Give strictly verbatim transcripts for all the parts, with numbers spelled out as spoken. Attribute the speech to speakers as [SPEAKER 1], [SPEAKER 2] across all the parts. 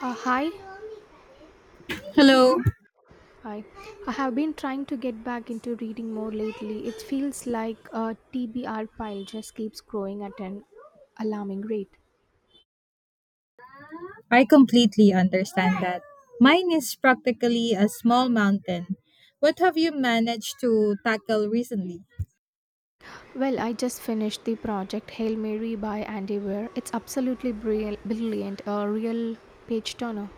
[SPEAKER 1] Uh, hi,
[SPEAKER 2] Hello.
[SPEAKER 1] hi. I have been trying to get back into reading more lately. It feels like a T B R pile just keeps growing at an alarming rate.
[SPEAKER 2] I completely understand that. Mine is practically a small mountain. What have you managed to tackle recently?
[SPEAKER 1] Well, I just finished the project Hail Mary by Andy Weir. It's absolutely bril- brilliant, a real page turner.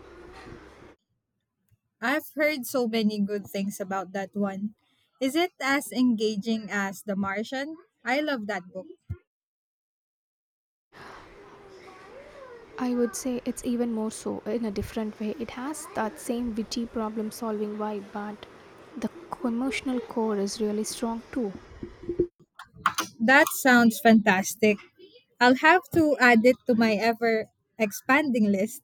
[SPEAKER 2] I've heard so many good things about that one. Is it as engaging as The Martian? I love that book.
[SPEAKER 1] I would say it's even more so in a different way. It has that same witty problem solving vibe, but the emotional core is really strong too.
[SPEAKER 2] That sounds fantastic. I'll have to add it to my ever expanding list.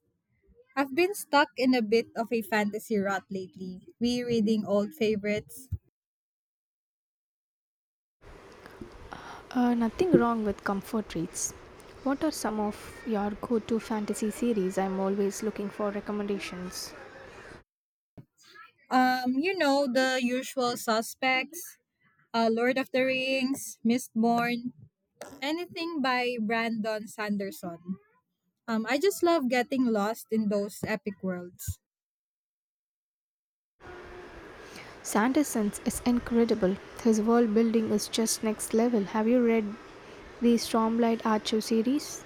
[SPEAKER 2] I've been stuck in a bit of a fantasy rut lately, rereading old favorites.
[SPEAKER 1] Uh, nothing wrong with comfort reads. What are some of your go to fantasy series? I'm always looking for recommendations.
[SPEAKER 2] Um, you know, the usual suspects, uh, Lord of the Rings, Mistborn, anything by Brandon Sanderson. Um, I just love getting lost in those epic worlds.
[SPEAKER 1] Sanderson's is incredible. His world building is just next level. Have you read the Stormlight Archive series?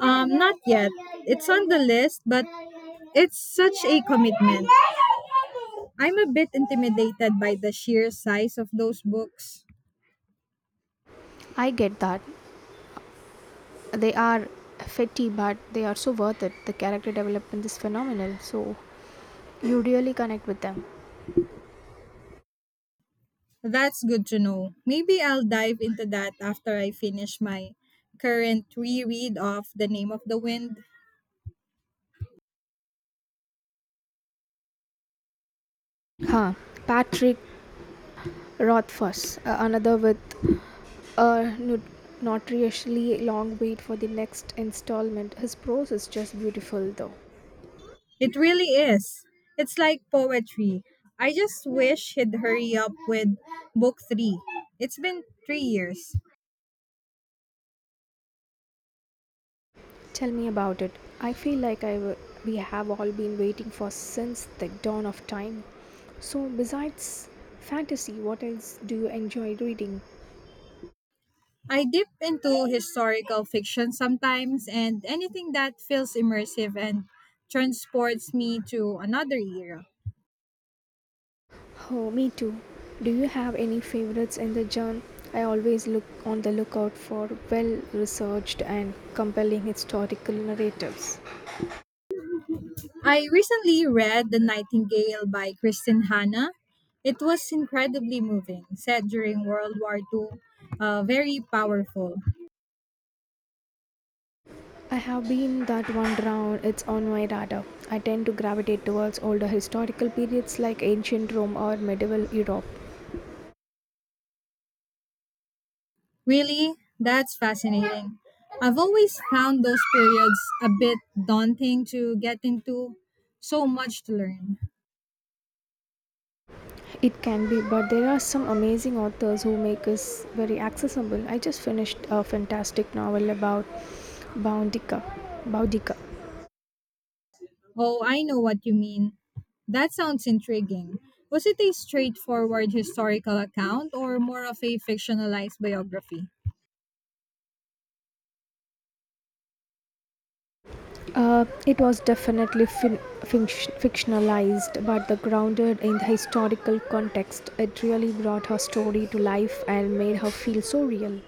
[SPEAKER 2] Um, not yet. It's on the list, but it's such a commitment. I'm a bit intimidated by the sheer size of those books.
[SPEAKER 1] I get that. They are fetty, but they are so worth it. The character development is phenomenal, so you really connect with them.
[SPEAKER 2] That's good to know. Maybe I'll dive into that after I finish my current reread of The Name of the Wind.
[SPEAKER 1] Huh. Patrick Rothfuss, uh, another with a nu- notoriously long wait for the next installment. His prose is just beautiful, though.
[SPEAKER 2] It really is. It's like poetry. I just wish he'd hurry up with book three. It's been three years.
[SPEAKER 1] Tell me about it. I feel like I w- we have all been waiting for since the dawn of time. So, besides fantasy, what else do you enjoy reading?
[SPEAKER 2] I dip into historical fiction sometimes and anything that feels immersive and transports me to another era.
[SPEAKER 1] Oh, me too. Do you have any favorites in the genre? I always look on the lookout for well researched and compelling historical narratives.
[SPEAKER 2] I recently read The Nightingale by Kristen Hanna. It was incredibly moving, set during World War two, uh, very powerful.
[SPEAKER 1] I have been that one round, it's on my radar. I tend to gravitate towards older historical periods like ancient Rome or medieval Europe.
[SPEAKER 2] Really? That's fascinating. I've always found those periods a bit daunting to get into. So much to learn.
[SPEAKER 1] It can be, but there are some amazing authors who make us very accessible. I just finished a fantastic novel about Boudica. Boudica.
[SPEAKER 2] Oh, I know what you mean. That sounds intriguing. Was it a straightforward historical account or more of a fictionalized biography?
[SPEAKER 1] Uh, it was definitely fin- finc- fictionalized, but the grounded in the historical context, it really brought her story to life and made her feel so real.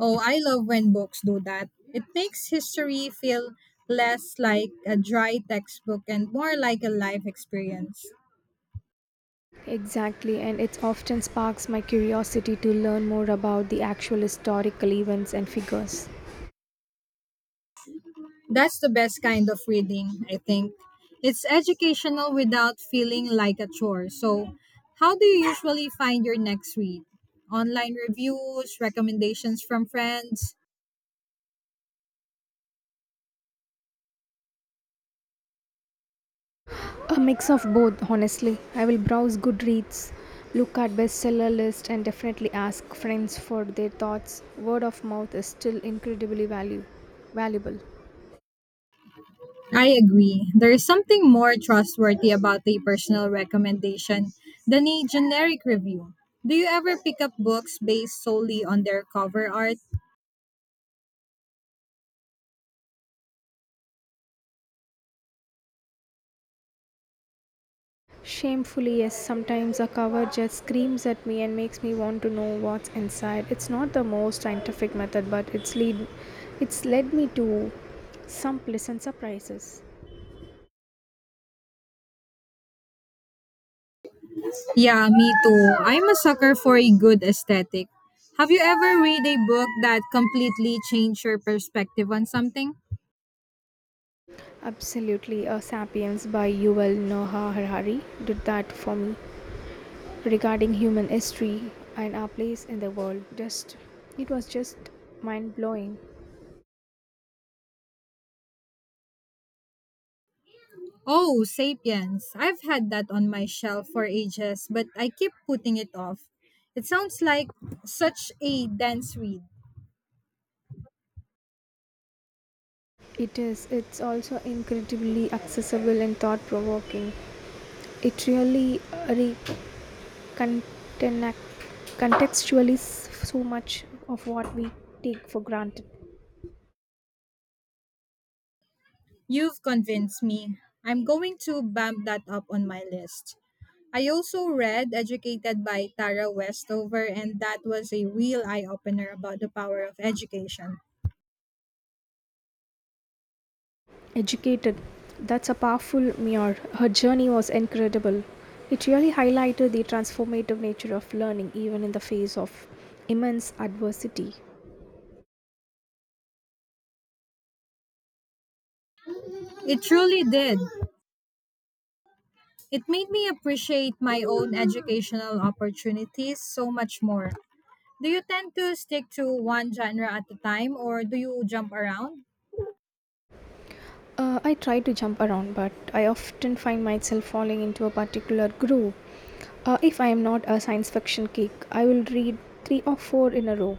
[SPEAKER 2] Oh, I love when books do that. It makes history feel less like a dry textbook and more like a life experience.
[SPEAKER 1] Exactly, and it often sparks my curiosity to learn more about the actual historical events and figures.
[SPEAKER 2] That's the best kind of reading, I think. It's educational without feeling like a chore. So, how do you usually find your next read? Online reviews, recommendations from friends?
[SPEAKER 1] A mix of both, honestly. I will browse Goodreads, look at bestseller list, and definitely ask friends for their thoughts. Word of mouth is still incredibly value, valuable.
[SPEAKER 2] I agree. There is something more trustworthy about a personal recommendation than a generic review. Do you ever pick up books based solely on their cover art?
[SPEAKER 1] Shamefully, yes, sometimes a cover just screams at me and makes me want to know what's inside. It's not the most scientific method, but it's lead, it's led me to some pleasant surprises.
[SPEAKER 2] Yeah, me too. I'm a sucker for a good aesthetic. Have you ever read a book that completely changed your perspective on something?
[SPEAKER 1] Absolutely, uh, *Sapiens* by Yuval Noah Harari did that for me. Regarding human history and our place in the world, just it was just mind blowing.
[SPEAKER 2] Oh, Sapiens. I've had that on my shelf for ages, but I keep putting it off. It sounds like such a dense read.
[SPEAKER 1] It is. It's also incredibly accessible and thought provoking. It really uh, re- contenac- contextualize so much of what we take for granted.
[SPEAKER 2] You've convinced me. I'm going to bump that up on my list. I also read Educated by Tara Westover, and that was a real eye opener about the power of education.
[SPEAKER 1] Educated. That's a powerful mirror. Her journey was incredible. It really highlighted the transformative nature of learning, even in the face of immense adversity.
[SPEAKER 2] It truly did. It made me appreciate my own educational opportunities so much more. Do you tend to stick to one genre at a time or do you jump around?
[SPEAKER 1] Uh, I try to jump around, but I often find myself falling into a particular groove. Uh, if I am not a science fiction geek, I will read three or four in a row.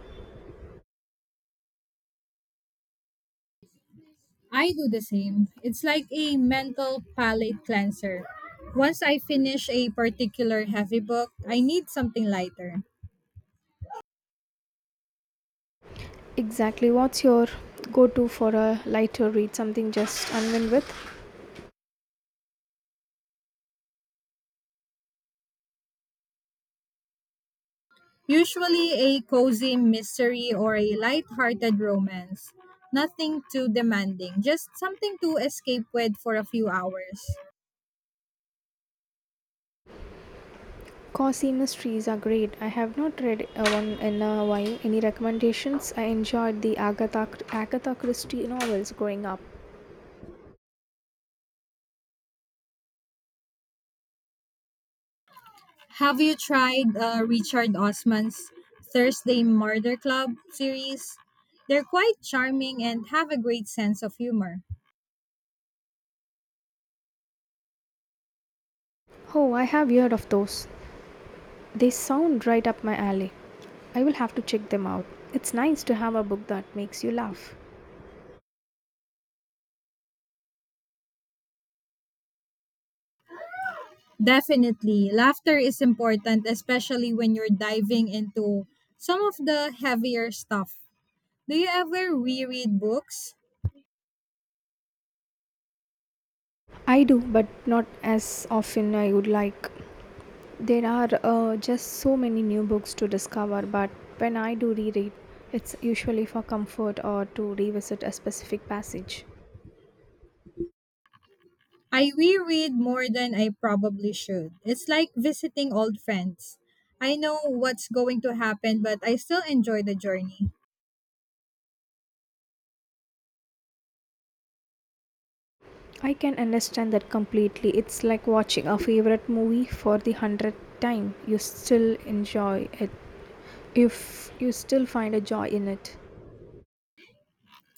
[SPEAKER 2] I do the same. It's like a mental palate cleanser. Once I finish a particular heavy book, I need something lighter.
[SPEAKER 1] Exactly, what's your go to for a lighter read? Something just unwind with?
[SPEAKER 2] Usually a cozy mystery or a light-hearted romance. Nothing too demanding, just something to escape with for a few hours.
[SPEAKER 1] Cosimus trees are great. I have not read uh, one in a while. Any recommendations? I enjoyed the Agatha Agatha Christie novels growing up.
[SPEAKER 2] Have you tried uh, Richard Osman's Thursday Murder Club series? They're quite charming and have a great sense of humor.
[SPEAKER 1] Oh, I have heard of those. They sound right up my alley. I will have to check them out. It's nice to have a book that makes you laugh.
[SPEAKER 2] Definitely, laughter is important, especially when you're diving into some of the heavier stuff. Do you ever reread books?
[SPEAKER 1] I do, but not as often I would like. There are uh, just so many new books to discover, but when I do reread, it's usually for comfort or to revisit a specific passage.
[SPEAKER 2] I reread more than I probably should. It's like visiting old friends. I know what's going to happen, but I still enjoy the journey.
[SPEAKER 1] I can understand that completely. It's like watching a favorite movie for the hundredth time. You still enjoy it if you still find a joy in it.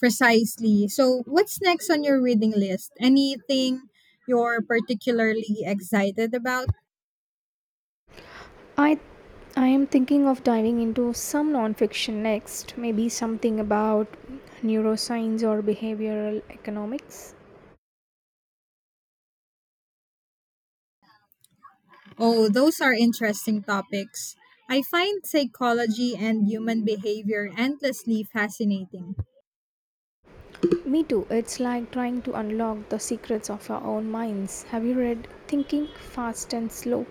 [SPEAKER 2] Precisely. So, what's next on your reading list? Anything you're particularly excited about?
[SPEAKER 1] I I am thinking of diving into some nonfiction next, maybe something about neuroscience or behavioral economics.
[SPEAKER 2] Oh, those are interesting topics. I find psychology and human behavior endlessly fascinating.
[SPEAKER 1] Me too. It's like trying to unlock the secrets of our own minds. Have you read Thinking Fast and Slow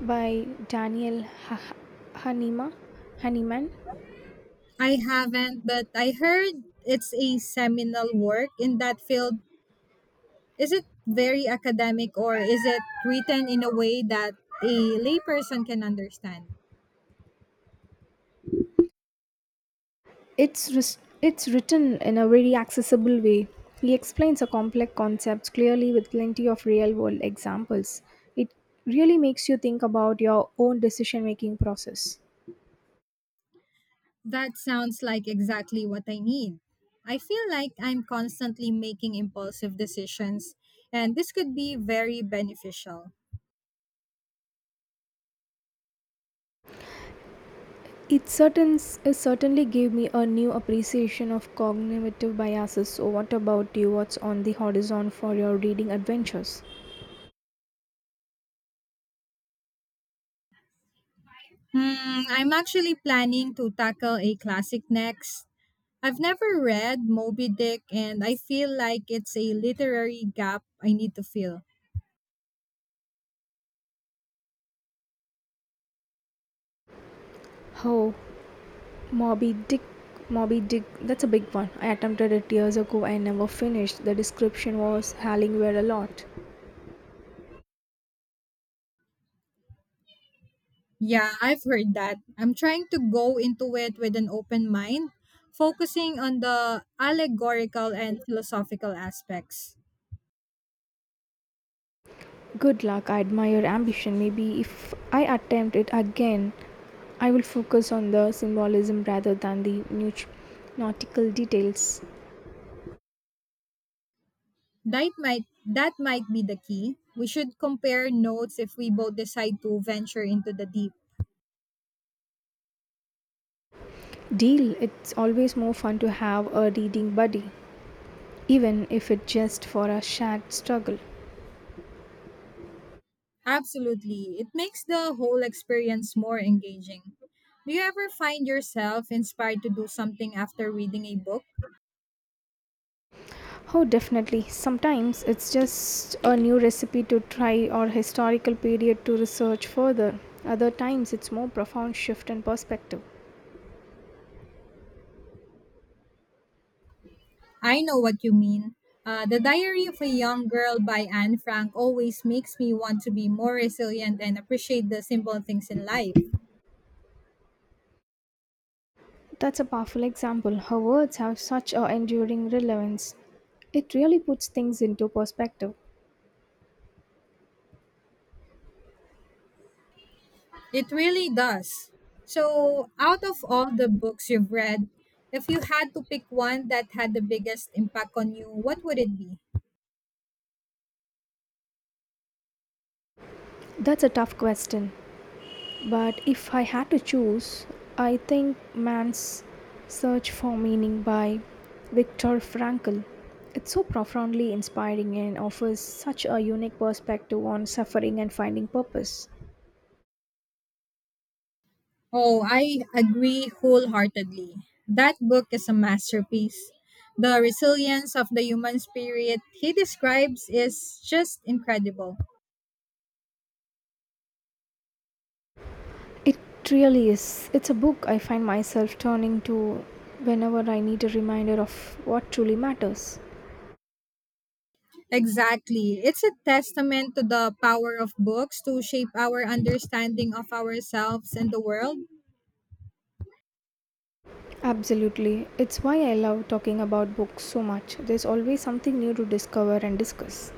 [SPEAKER 1] by Daniel Ha- Hanema? Hahnemann?
[SPEAKER 2] I haven't, but I heard it's a seminal work in that field. Is it very academic or is it written in a way that a layperson can understand?
[SPEAKER 1] It's, ris- it's written in a very accessible way. He explains a complex concepts clearly with plenty of real world examples. It really makes you think about your own decision making process.
[SPEAKER 2] That sounds like exactly what I need. I feel like I'm constantly making impulsive decisions, and this could be very beneficial.
[SPEAKER 1] It, certain, it certainly gave me a new appreciation of cognitive biases. So, what about you? What's on the horizon for your reading adventures?
[SPEAKER 2] Hmm, I'm actually planning to tackle a classic next. I've never read Moby Dick, and I feel like it's a literary gap I need to fill.
[SPEAKER 1] Oh, Moby Dick. Moby Dick, that's a big one. I attempted it years ago and never finished. The description was howling were a lot.
[SPEAKER 2] Yeah, I've heard that. I'm trying to go into it with an open mind, focusing on the allegorical and philosophical aspects.
[SPEAKER 1] Good luck. I admire your ambition. Maybe if I attempt it again, I will focus on the symbolism rather than the nut- nautical details.
[SPEAKER 2] That might that might be the key. We should compare notes if we both decide to venture into the deep.
[SPEAKER 1] Deal. It's always more fun to have a reading buddy, even if it's just for a shared struggle.
[SPEAKER 2] Absolutely. It makes the whole experience more engaging. Do you ever find yourself inspired to do something after reading a book?
[SPEAKER 1] Oh, definitely. Sometimes it's just a new recipe to try or historical period to research further. Other times it's more profound shift in perspective.
[SPEAKER 2] I know what you mean. Uh, the Diary of a Young Girl by Anne Frank always makes me want to be more resilient and appreciate the simple things in life.
[SPEAKER 1] That's a powerful example. Her words have such a enduring relevance. It really puts things into perspective.
[SPEAKER 2] It really does. So, out of all the books you've read, if you had to pick one that had the biggest impact on you, what would it be?
[SPEAKER 1] That's a tough question. But if I had to choose, I think Man's Search for Meaning by Viktor Frankl. It's so profoundly inspiring and offers such a unique perspective on suffering and finding purpose.
[SPEAKER 2] Oh, I agree wholeheartedly. That book is a masterpiece. The resilience of the human spirit he describes is just incredible.
[SPEAKER 1] It really is. It's a book I find myself turning to whenever I need a reminder of what truly matters.
[SPEAKER 2] Exactly. It's a testament to the power of books to shape our understanding of ourselves and the world.
[SPEAKER 1] Absolutely. It's why I love talking about books so much. There's always something new to discover and discuss.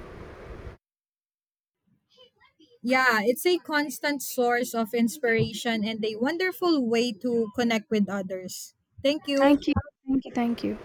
[SPEAKER 2] Yeah, it's a constant source of inspiration and a wonderful way to connect with others. Thank you.
[SPEAKER 1] Thank you. Thank you. Thank you.